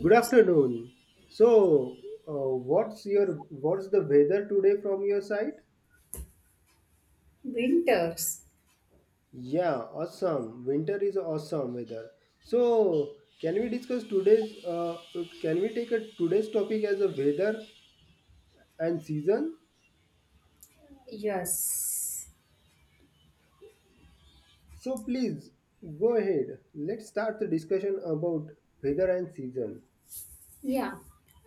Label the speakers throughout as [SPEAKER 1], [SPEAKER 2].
[SPEAKER 1] Good afternoon. So, what's your what's the weather today from your side?
[SPEAKER 2] winters.
[SPEAKER 1] Yeah, awesome. Winter is awesome weather. So, can we discuss today's can we take a today's topic as a weather and season?
[SPEAKER 2] Yes,
[SPEAKER 1] So, please go ahead. Let's start the discussion about weather and season.
[SPEAKER 2] yeah.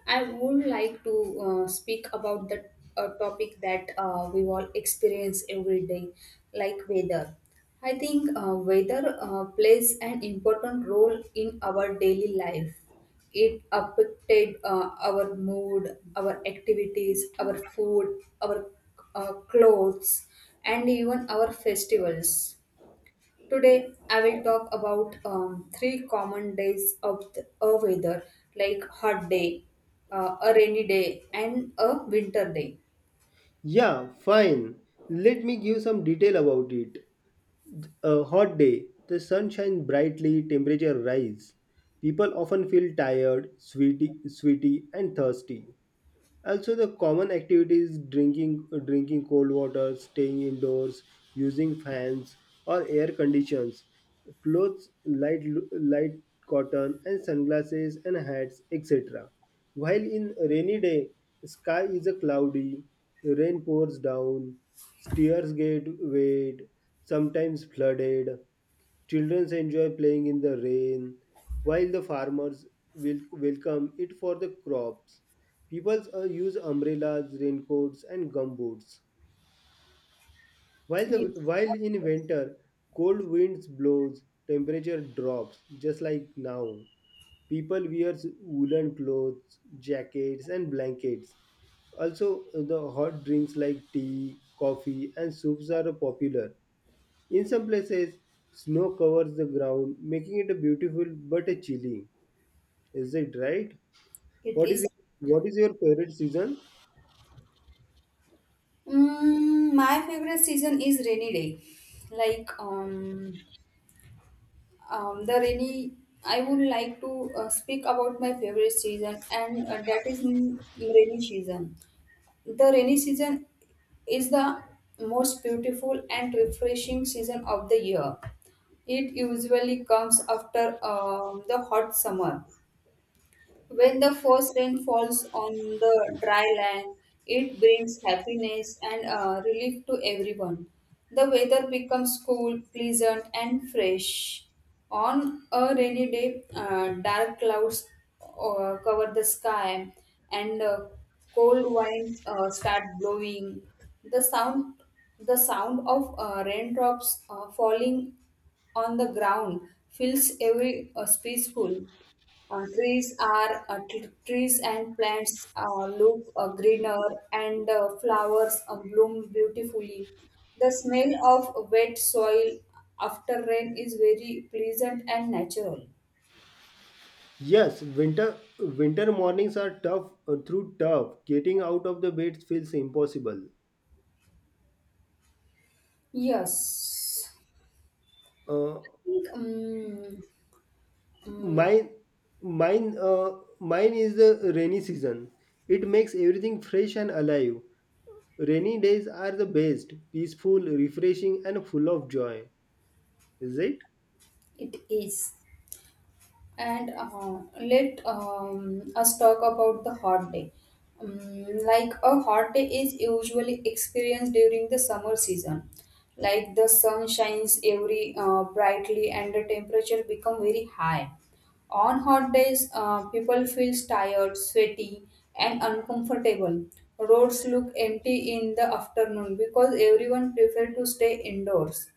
[SPEAKER 2] I would like to speak about the topic that we all experience every day, like weather. I think weather plays an important role in our daily life. It affected our mood, our activities, our food, our clothes, and even our festivals. Today, I will talk about three common days of a weather like hot day, a rainy day, and a winter day.
[SPEAKER 1] Yeah, fine. Let me give some detail about it. A hot day, the sun shines brightly, temperature rise. People often feel tired, sweaty and thirsty. Also, the common activities drinking cold water, staying indoors, using fans or air conditions, clothes light cotton and sunglasses and hats, etc. While in rainy day, sky is a cloudy, rain pours down, stairs get wet, sometimes flooded. Children enjoy playing in the rain, while the farmers will welcome it for the crops. People use umbrellas, raincoats, and gumboots. While the
[SPEAKER 2] Yes.
[SPEAKER 1] while in winter, cold winds blows, temperature drops, just like now. People wears woolen clothes, jackets, and blankets. Also, the hot drinks like tea, coffee, and soups are popular. In some places, snow covers the ground, making it a beautiful but a chilly. Is it right?
[SPEAKER 2] It
[SPEAKER 1] What
[SPEAKER 2] is
[SPEAKER 1] is what is your favorite season?
[SPEAKER 2] my favorite season is rainy day. Like um, um, the rainy, I would like to speak about my favorite season, and that is rainy season. The rainy season is the most beautiful and refreshing season of the year. It usually comes after the hot summer, when the first rain falls on the dry land, it brings happiness and relief to everyone. The weather becomes cool, pleasant, and fresh. On a rainy day, dark clouds cover the sky and cold winds start blowing. The sound, the sound of raindrops falling on the ground fills every peaceful. Trees and plants look greener and flowers bloom beautifully. The smell of wet soil after rain is very pleasant and natural.
[SPEAKER 1] Yes, winter mornings are tough through tough. Getting out of the bed feels impossible.
[SPEAKER 2] Yes,
[SPEAKER 1] Uh,
[SPEAKER 2] I think, mm,
[SPEAKER 1] mine mine uh, mine is the rainy season. It makes everything fresh and alive. Rainy days are the best, peaceful, refreshing and full of joy. Is it?
[SPEAKER 2] it is. And let us talk about the hot day. Like a hot day is usually experienced during the summer season. Like the sun shines every brightly and the temperature become very high. On hot days, people feel tired, sweaty, and uncomfortable. Roads look empty in the afternoon because everyone prefer to stay indoors.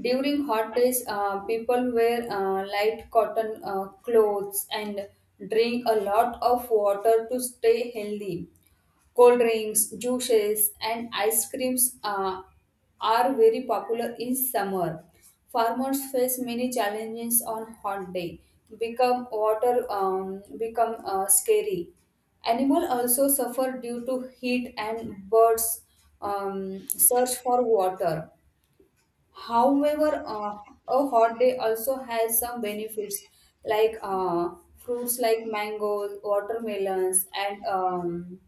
[SPEAKER 2] During hot days, people wear light cotton clothes and drink a lot of water to stay healthy. Cold drinks, juices, and ice creams are very popular in summer. Farmers face many challenges on hot day. Become scary. Animal also suffer due to heat and birds search for water. However, a hot day also has some benefits like fruits like mangoes, watermelons, and um,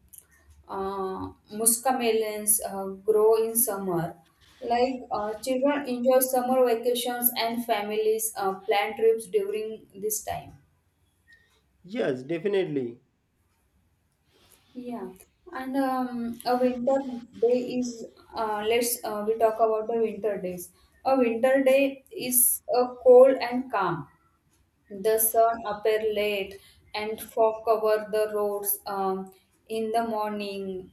[SPEAKER 2] uh, muscamelons grow in summer. Like children enjoy summer vacations and families plan trips during this time.
[SPEAKER 1] Yes, definitely.
[SPEAKER 2] Yeah, and a winter day is let's we talk about the winter days. A winter day is cold and calm. The sun appear late and fog cover the roads in the morning.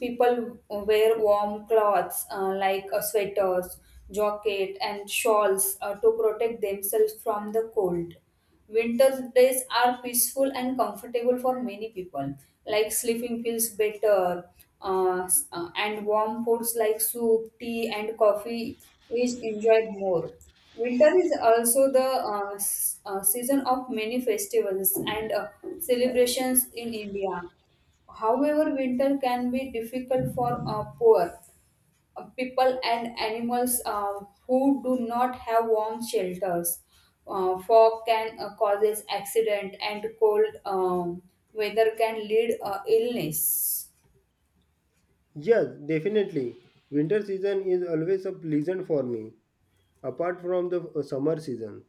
[SPEAKER 2] People wear warm cloths like sweaters jacket and shawls to protect themselves from the cold. Winter days are peaceful and comfortable for many people. Like sleeping feels better, and warm foods like soup, tea, and coffee is enjoyed more. Winter is also the season of many festivals and celebrations in India. However, winter can be difficult for poor people and animals who do not have warm shelters. Fog can causes accident and cold weather can lead illness.
[SPEAKER 1] Yes, definitely. Winter season is always a pleasant for me apart from the summer season.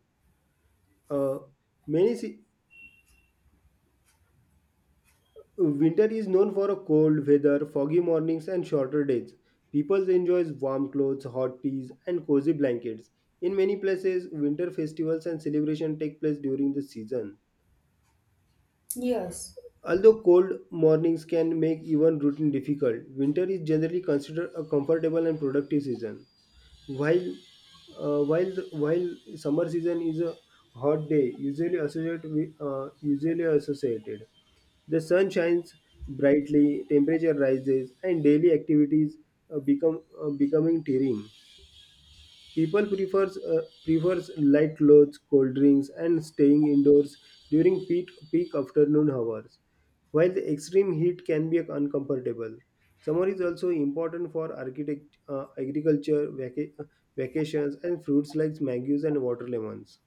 [SPEAKER 1] Uh, many se- Winter is known for a cold weather, foggy mornings, and shorter days. People enjoy warm clothes, hot teas, and cozy blankets. In many places, winter festivals and celebrations take place during the season.
[SPEAKER 2] Yes.
[SPEAKER 1] Although cold mornings can make even routine difficult, winter is generally considered a comfortable and productive season. While while summer season is a hot day, usually associated with, the sun shines brightly, temperature rises, and daily activities become becoming tiring. People prefers prefers light clothes, cold drinks, and staying indoors during peak afternoon hours. While the extreme heat can be uncomfortable, summer is also important for agriculture, vacations, and fruits like mangoes and watermelons.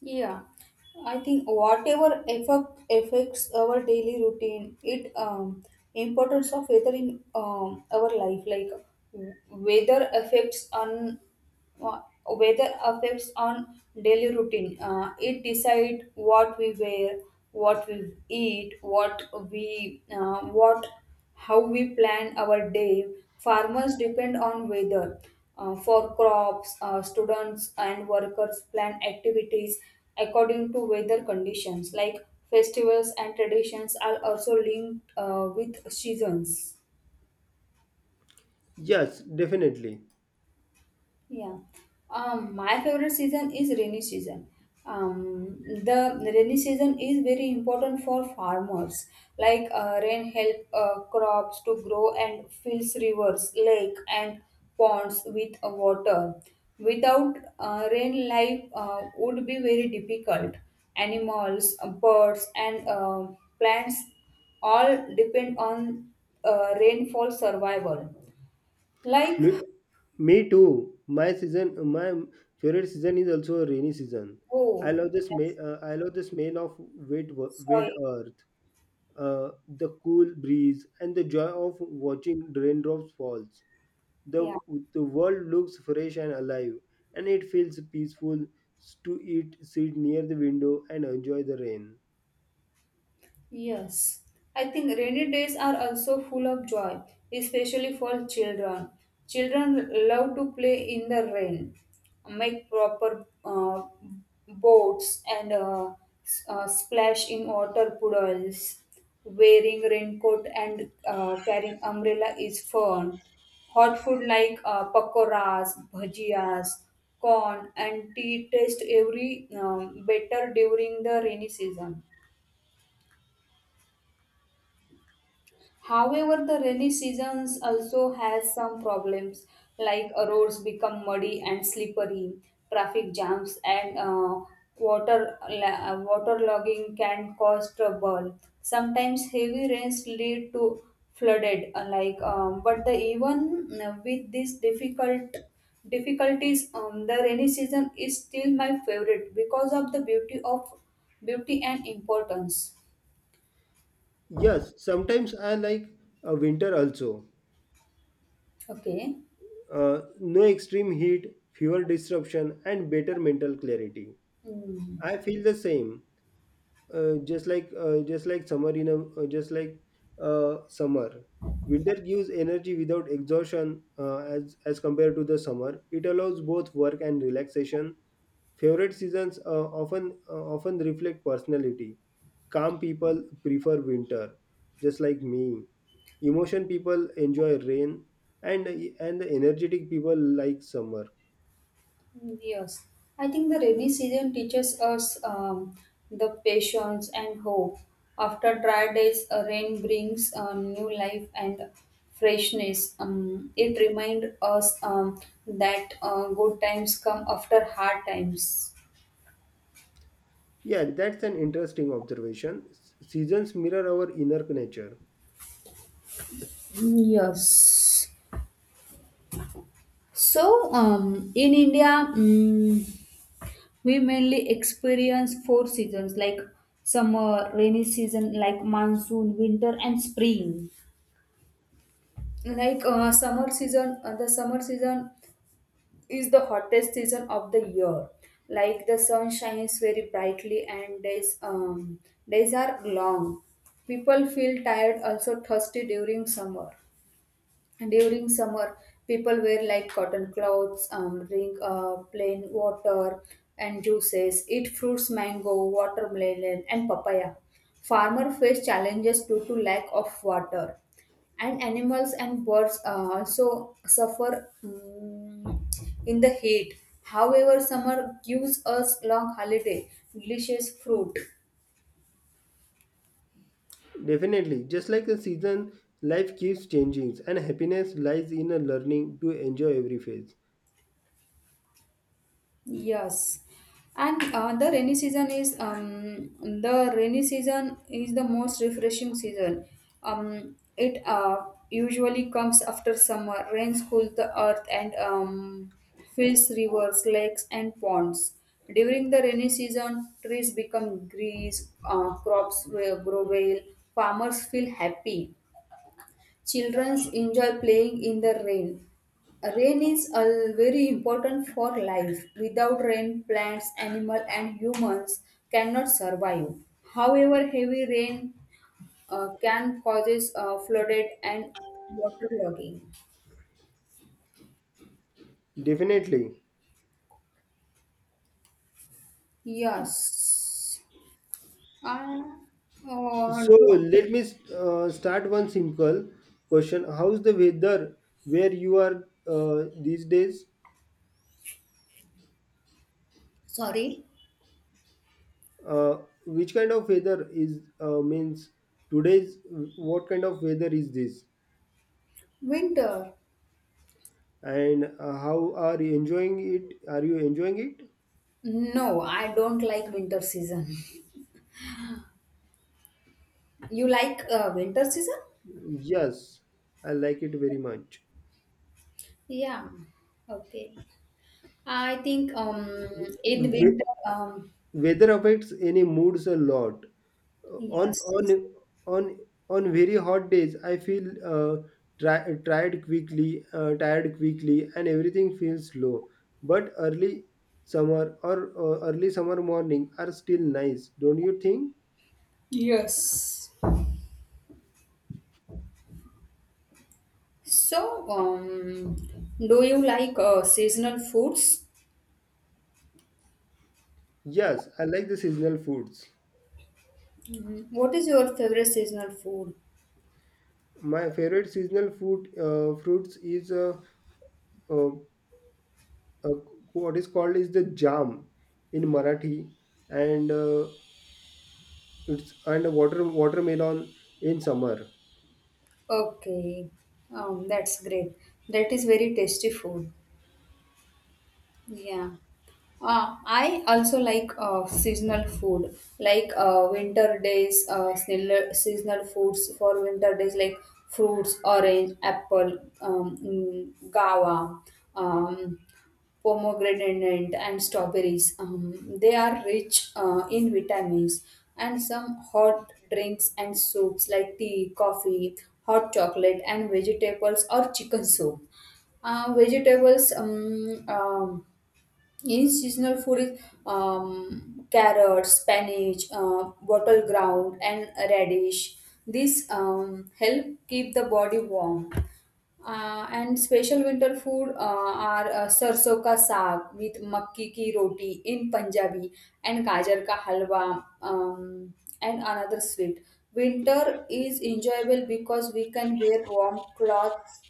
[SPEAKER 2] Yeah, I think whatever effect affects our daily routine, it importance of weather in our life, like w- weather affects on uh, weather affects on daily routine. It decide what we wear, what we eat, what we what how we plan our day. Farmers depend on weather for crops, students and workers plan activities according to weather conditions, like festivals and traditions are also linked with seasons.
[SPEAKER 1] Yes, definitely.
[SPEAKER 2] Yeah. My favorite season is rainy season. The rainy season is very important for farmers. Like rain help crops to grow and fills rivers, lake and ponds with water. Without rain, life would be very difficult. Animals, birds, and plants all depend on rainfall survival. Like
[SPEAKER 1] Me, me too. My favorite season is also a rainy season. I
[SPEAKER 2] oh.
[SPEAKER 1] love the smell. I love the smell of wet, wet
[SPEAKER 2] Sorry.
[SPEAKER 1] earth the cool breeze, and the joy of watching raindrops falls. The,
[SPEAKER 2] Yeah.
[SPEAKER 1] the world looks fresh and alive, and it feels peaceful to eat, sit near the window, and enjoy the rain.
[SPEAKER 2] Yes, I think rainy days are also full of joy, especially for children. Children love to play in the rain, make proper boats, and splash in water puddles. Wearing raincoat and carrying umbrella is fun. Hot food like pakoras, bhajias, corn, and tea taste every better during the rainy season. However, the rainy seasons also has some problems like roads become muddy and slippery, traffic jams and water logging can cause trouble. Sometimes heavy rains lead to flooded like but the even with these difficulties the rainy season is still my favorite because of the beauty and importance.
[SPEAKER 1] Yes, sometimes I like winter also.
[SPEAKER 2] Okay.
[SPEAKER 1] No extreme heat, fewer disruption, and better mental clarity.
[SPEAKER 2] Hmm.
[SPEAKER 1] I feel the same. Just like summer in a Just like summer, winter gives energy without exhaustion, as compared to the summer. It allows both work and relaxation. Favorite seasons often reflect personality. Calm people prefer winter, just like me. Emotion people enjoy rain, and the energetic people like summer.
[SPEAKER 2] Mm, yes, I think the rainy season teaches us the patience and hope. After dry days, a rain brings new life and freshness. It reminds us that good times come after hard times.
[SPEAKER 1] Yeah, that's an interesting observation. Seasons mirror our inner nature.
[SPEAKER 2] Yes. So, in India, we mainly experience four seasons like summer, rainy season, like monsoon, winter, and spring. Like summer season the summer season is the hottest season of the year. Like the sun shines very brightly and days are long. People feel tired also thirsty during summer. During summer people wear like cotton clothes, drink plain water and juices, eat fruits mango watermelon and papaya. Farmer face challenges due to lack of water and animals and birds also suffer in the heat. However, summer gives us long holiday delicious fruit.
[SPEAKER 1] Definitely, just like a season, life keeps changing, and happiness lies in a learning to enjoy every phase.
[SPEAKER 2] Yes, and the rainy season is the most refreshing season. It usually comes after summer. Rains cool the earth and fills rivers, lakes, and ponds. During the rainy season, trees become green, crops will grow well, farmers feel happy, children enjoy playing in the rain. Rain is very important for life. Without rain, plants, animals, and humans cannot survive. However, heavy rain can causes flooded and waterlogging.
[SPEAKER 1] Definitely.
[SPEAKER 2] Yes. Uh, uh,
[SPEAKER 1] So
[SPEAKER 2] do-
[SPEAKER 1] let me start one simple question: how's the weather where you are these days?
[SPEAKER 2] Sorry.
[SPEAKER 1] Uh, which kind of weather is means today's? What kind of weather is this?
[SPEAKER 2] Winter.
[SPEAKER 1] And how are you enjoying it? Are you enjoying it?
[SPEAKER 2] No, I don't like winter season. You like winter season?
[SPEAKER 1] Yes, I like it very much.
[SPEAKER 2] Yeah. Okay. I think in
[SPEAKER 1] Wh-
[SPEAKER 2] winter,
[SPEAKER 1] Weather affects any moods a lot. On
[SPEAKER 2] yes.
[SPEAKER 1] on on on very hot days, I feel tired quickly, and everything feels slow. But early summer or early summer morning are still nice, don't you think?
[SPEAKER 2] Yes. So, do you like seasonal foods?
[SPEAKER 1] Yes, I like the seasonal foods.
[SPEAKER 2] Mhm. What is your favorite seasonal food?
[SPEAKER 1] My favorite seasonal food fruits is uh, uh, what is called is the jam in Marathi, and it's and watermelon in summer.
[SPEAKER 2] Okay, that's great. That is very tasty food. Yeah. I also like seasonal food, like winter days, seasonal foods for winter days, like fruits, orange, apple, guava, um, pomegranate, and strawberries. They are rich in vitamins, and some hot drinks and soups like tea, coffee, hot chocolate, and vegetables or chicken soup. Vegetables, in seasonal food is carrots, spinach, bottle ground, and radish. These help keep the body warm. And special winter food are sarson ka saag with makki ki roti in Punjabi and gajar ka halwa, and another sweet. Winter is enjoyable because we can wear warm clothes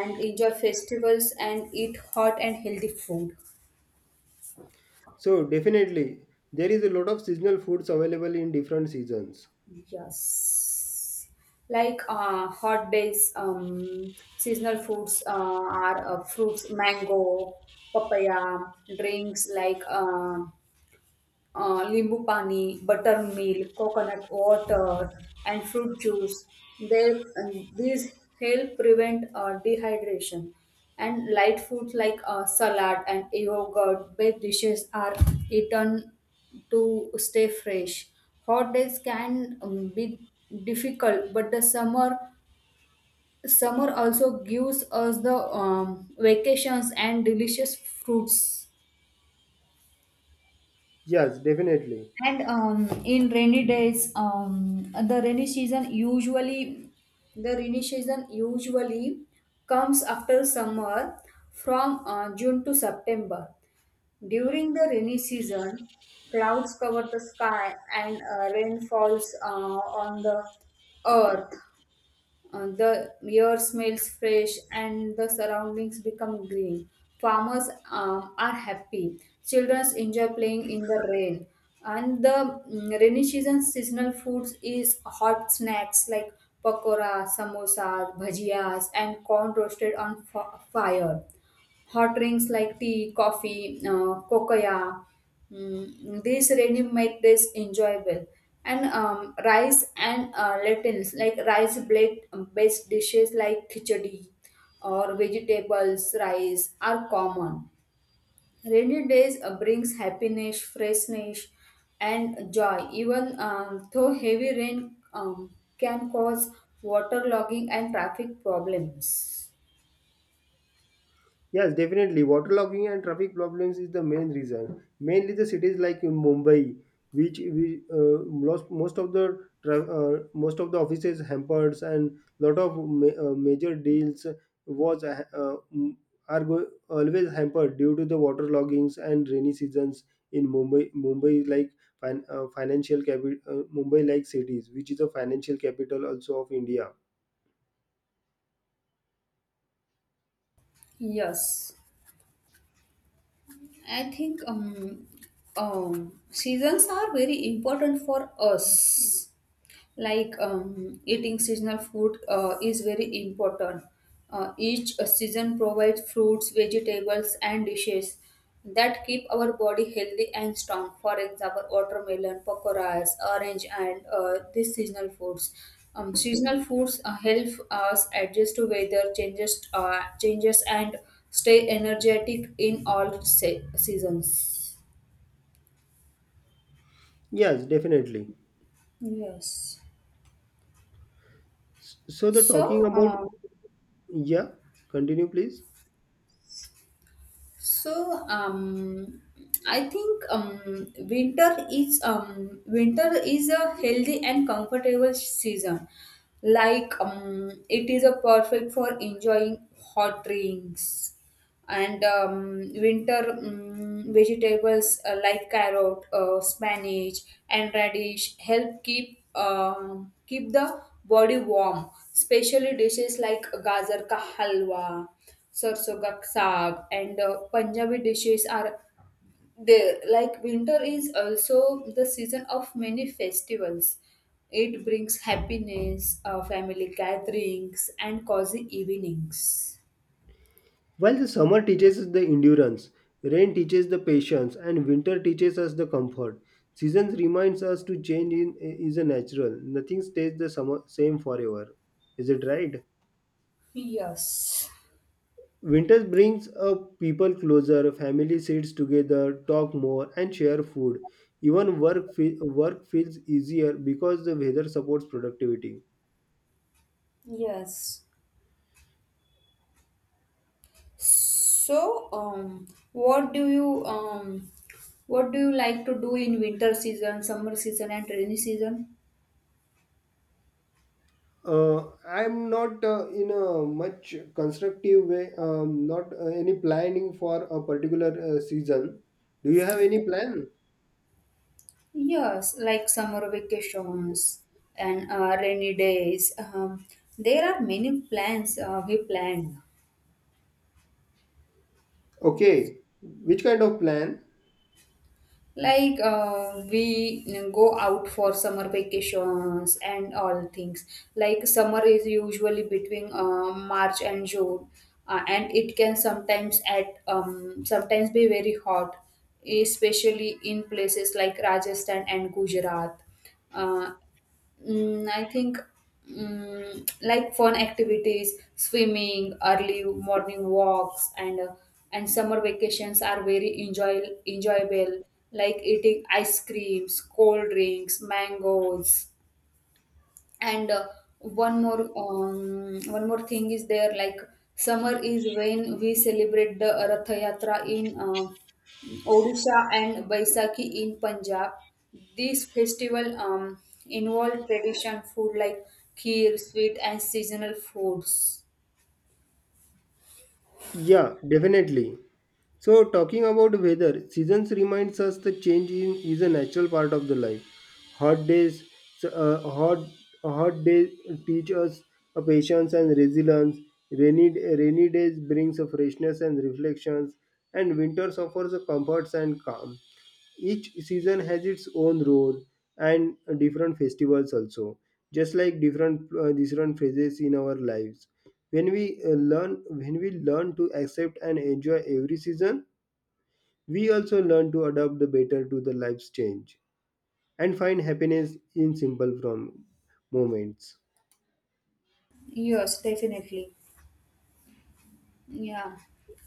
[SPEAKER 2] and enjoy festivals and eat hot and healthy food.
[SPEAKER 1] So definitely there is a lot of seasonal foods available in different seasons.
[SPEAKER 2] Yes. Like hot days, seasonal foods are fruits, mango, papaya, drinks like limbu pani, buttermilk, coconut water, and fruit juice. They, and these help prevent dehydration. And light foods like salad and yogurt based dishes are eaten to stay fresh. Hot days can be difficult, but the summer also gives us the vacations and delicious fruits.
[SPEAKER 1] Yes, definitely.
[SPEAKER 2] And in rainy days, the rainy season usually comes after summer from June to September. During the rainy season, clouds cover the sky and rain falls on the earth. The air smells fresh and the surroundings become green. Farmers are happy. Children enjoy playing in the rain. And the rainy season seasonal foods is hot snacks like pakora, samosa, bhajias, and corn roasted on fire. Hot drinks like tea, coffee, cocoa, these really make this enjoyable. And rice and lentils, like rice blade based dishes like khichdi or vegetables rice are common. Rainy days brings happiness, freshness, and joy. Even though heavy rain can cause waterlogging and traffic problems.
[SPEAKER 1] Yes, definitely. Waterlogging and traffic problems is the main reason. Mainly the cities like in Mumbai, which we lost most of the most of the offices hampered and lot of major deals was always hampered due to the waterloggings and rainy seasons in Mumbai. Mumbai is like financial capital. Mumbai like cities, which is a financial capital also of India.
[SPEAKER 2] Yes. I think seasons are very important for us like eating seasonal food is very important. Each season provides fruits, vegetables, and dishes that keep our body healthy and strong. For example, watermelon, pakoras, orange, and these seasonal foods. Seasonal foods help us adjust to weather changes, and stay energetic in all seasons.
[SPEAKER 1] Yes, definitely.
[SPEAKER 2] Yes.
[SPEAKER 1] S- So the talking
[SPEAKER 2] So,
[SPEAKER 1] about
[SPEAKER 2] uh,
[SPEAKER 1] Yeah, continue please.
[SPEAKER 2] So, I think winter is a healthy and comfortable season. Like it is a perfect for enjoying hot drinks and winter vegetables like carrot, spinach, and radish help keep the body warm. Especially dishes like gajar ka halwa, sarson ka saag, and Punjabi dishes are there. Like winter is also the season of many festivals. It brings happiness, family gatherings, and cozy evenings.
[SPEAKER 1] While the summer teaches us the endurance, rain teaches the patience, and winter teaches us the comfort. Seasons reminds us to change in is a natural. Nothing stays the summer same forever. Is it right?
[SPEAKER 2] Yes.
[SPEAKER 1] Winter brings people closer, family sits together, talk more, and share food. Even work feels easier because the weather supports productivity.
[SPEAKER 2] Yes. So, um, what do you um, what do you like to do in winter season, summer season, and rainy season?
[SPEAKER 1] I'm not in a much constructive way, not any planning for a particular season. Do you have any plan?
[SPEAKER 2] Yes, like summer vacations and rainy days. There are many plans we plan. Yes.
[SPEAKER 1] Okay, which kind of plan?
[SPEAKER 2] Like we go out for summer vacations and all things, like summer is usually between march and june, and it can sometimes at sometimes be very hot, especially in places like rajasthan and gujarat. uh, I think, like fun activities, swimming, early morning walks, and and summer vacations are very enjoyable. Like eating ice creams, cold drinks, mangoes, and one more thing is there, like summer is when we celebrate the Rath Yatra in Odisha and Baisakhi in Punjab. This festival involve tradition food like kheer, sweet and seasonal foods.
[SPEAKER 1] Yeah, definitely. So, talking about weather, seasons reminds us the change in, is a natural part of the life. Hot days, so, uh, hot hot days teach us a patience and resilience. Rainy days brings a freshness and reflections, and winters offers a comforts and calm. Each season has its own role and different festivals also, just like different phases in our lives. When we learn to accept and enjoy every season, we also learn to adapt the better to the life's change and find happiness in simple from moments.
[SPEAKER 2] Yes, definitely. Yeah,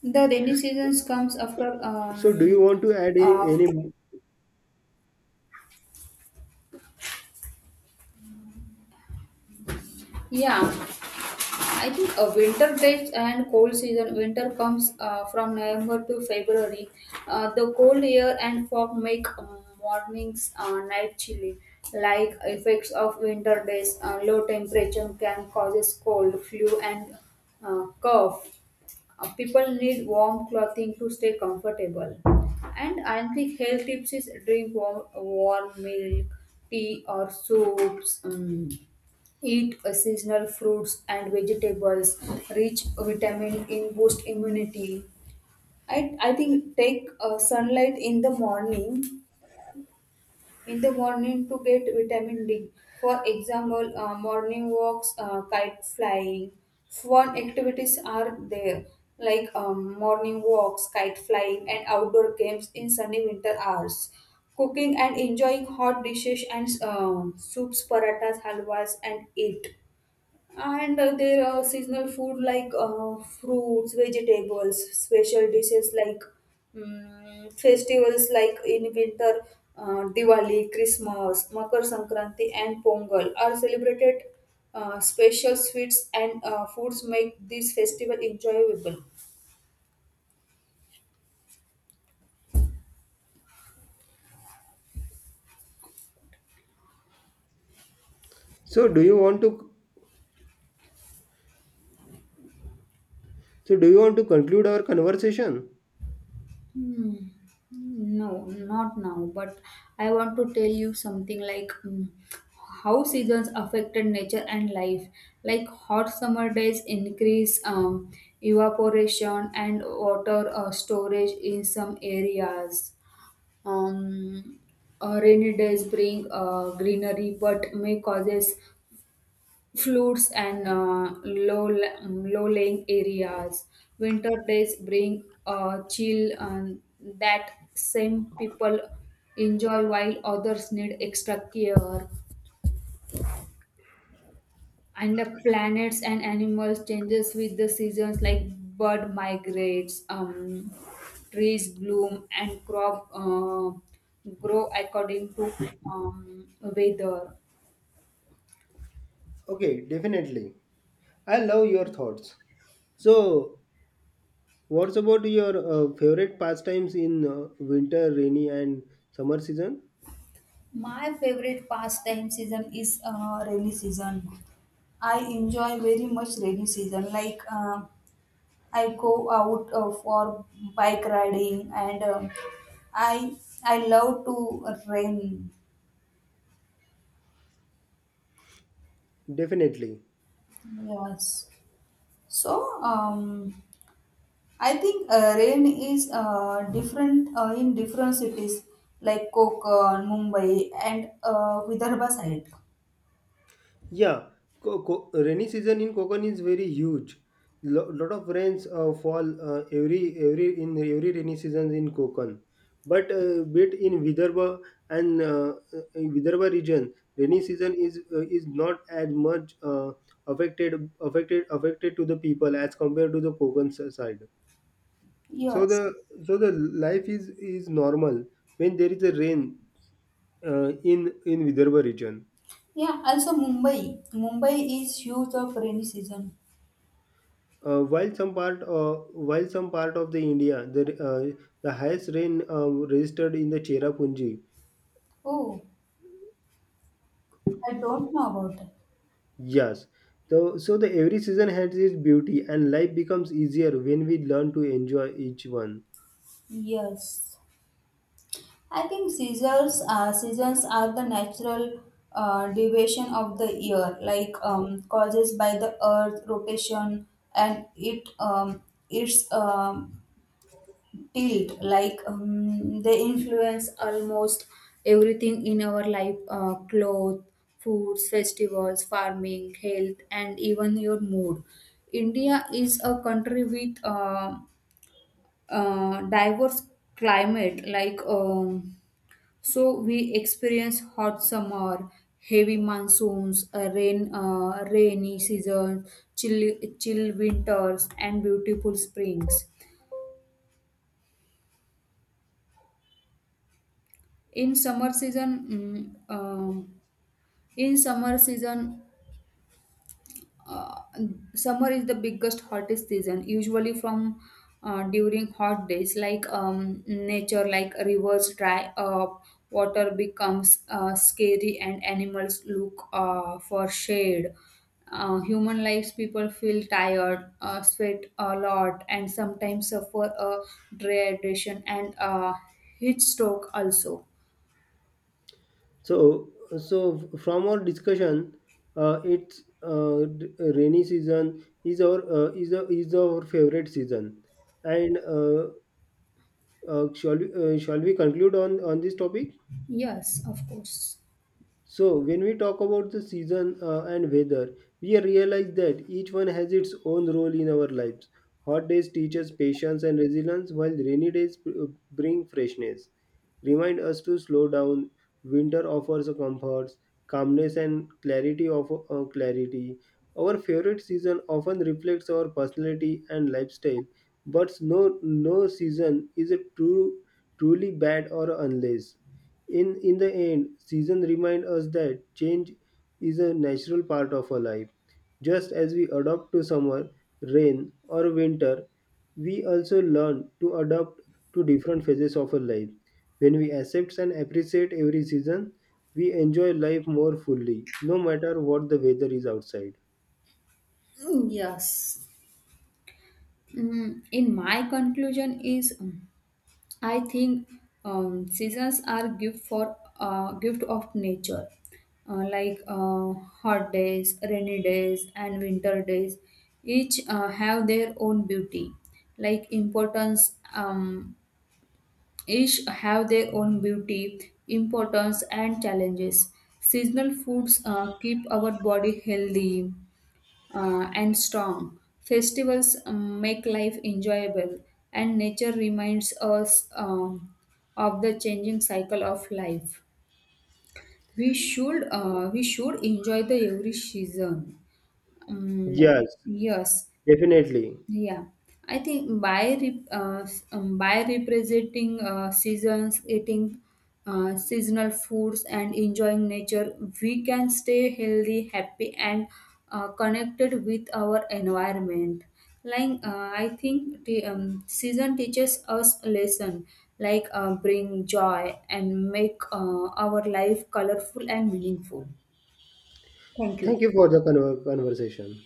[SPEAKER 2] the rainy seasons comes after
[SPEAKER 1] So do you want to
[SPEAKER 2] uh,
[SPEAKER 1] any,
[SPEAKER 2] yeah. I think a winter depth and cold season. Winter comes from November to February. The cold air and fog make mornings night chilly. Like effects of winter days, low temperature can causes cold, flu, and cough. People need warm clothing to stay comfortable. And I think health tips is drink warm milk, tea, or soups. Eat seasonal fruits and vegetables, rich vitamin in boost immunity. I think take sunlight in the morning to get vitamin D. For example, morning walks, kite flying, fun activities are there, like morning walks, kite flying, and outdoor games in sunny winter hours. Cooking and enjoying hot dishes and soups, parathas, halwas, and eat. And there are seasonal food like fruits, vegetables, special dishes like mm festivals like in winter, Diwali, Christmas, Makar Sankranti, and Pongal are celebrated. Special sweets and foods make this festival enjoyable.
[SPEAKER 1] so do you want to so do you want to conclude our conversation?
[SPEAKER 2] Hmm. No, not now. But I want to tell you something like, how seasons affected nature and life. Like hot summer days increase evaporation and water storage in some areas. Um, Rainy days bring greenery but may causes floods and low-lying areas. Winter days bring a chill that some people enjoy while others need extra care. And the planets and animals changes with the seasons, like bird migrates, trees bloom and crop grow according to weather.
[SPEAKER 1] Okay, definitely. I love your thoughts. So what's about your favorite pastimes in winter, rainy and summer season?
[SPEAKER 2] My favorite pastime season is rainy season. I enjoy very much rainy season. Like I go out for bike riding, and I I love to rain.
[SPEAKER 1] Definitely.
[SPEAKER 2] Yes. So I think rain is different in different cities like Kokan, Mumbai, and Vidarbha side.
[SPEAKER 1] Yeah, rainy season in Konkan is very huge. Lot of rains fall every rainy seasons in Konkan. But bit in Vidarbha and in Vidarbha region, rainy season is not as much affected to the people as compared to the Konkan side. So
[SPEAKER 2] Yes.
[SPEAKER 1] the life is normal when there is a rain in Vidarbha region.
[SPEAKER 2] Yeah, also Mumbai. Mumbai is huge of rainy season.
[SPEAKER 1] Uh, while some part uh, while some part of the India, the highest rain registered in the Cherrapunji.
[SPEAKER 2] Oh, I don't know about that.
[SPEAKER 1] Yes. So, the every season has its beauty, and life becomes easier when we learn to enjoy each one.
[SPEAKER 2] Yes, I think seasons are the natural deviation of the year, like causes by the Earth rotation and it its tilt, like they influence almost everything in our life, clothes, foods, festivals, farming, health, and even your mood. India is a country with diverse climate, like so we experience hot summer, heavy monsoons, rainy season, chill chill winters and beautiful springs. in summer season mm, um, In summer season, summer is the biggest hottest season, usually from during hot days, like nature, like rivers dry up, water becomes scary and animals look for shade. Human lives, people feel tired, sweat a lot and sometimes suffer a dehydration and heat stroke also.
[SPEAKER 1] So, so from our discussion, rainy season is our is our favorite season, and shall we conclude on this topic?
[SPEAKER 2] Yes, of course.
[SPEAKER 1] So, when we talk about the season and weather, we realize that each one has its own role in our lives. Hot days teach us patience and resilience, while rainy days bring freshness, remind us to slow down. Winter offers a comforts, calmness, and clarity. Our favorite season often reflects our personality and lifestyle, but no season is a true truly bad or unless in the end, seasons remind us that change is a natural part of our life. Just as we adapt to summer, rain, or winter, we also learn to adapt to different phases of our life. When we accept and appreciate every season, we enjoy life more fully, no matter what the weather is outside.
[SPEAKER 2] Yes. In my conclusion is, I think seasons are gift of nature. Like hot days, rainy days and winter days, each have their own beauty, like importance. um, each have their own beauty, importance and challenges. Seasonal foods keep our body healthy and strong. Festivals make life enjoyable, and nature reminds us of the changing cycle of life. We should enjoy the every season. Um,
[SPEAKER 1] Yes,
[SPEAKER 2] yes,
[SPEAKER 1] definitely.
[SPEAKER 2] yeah, I think by by representing seasons, eating seasonal foods, and enjoying nature, we can stay healthy, happy, and connected with our environment. Like I think the season teaches us a lesson, like bring joy and make our life colorful and meaningful. Thank
[SPEAKER 1] Thank
[SPEAKER 2] you.
[SPEAKER 1] you for the conversation.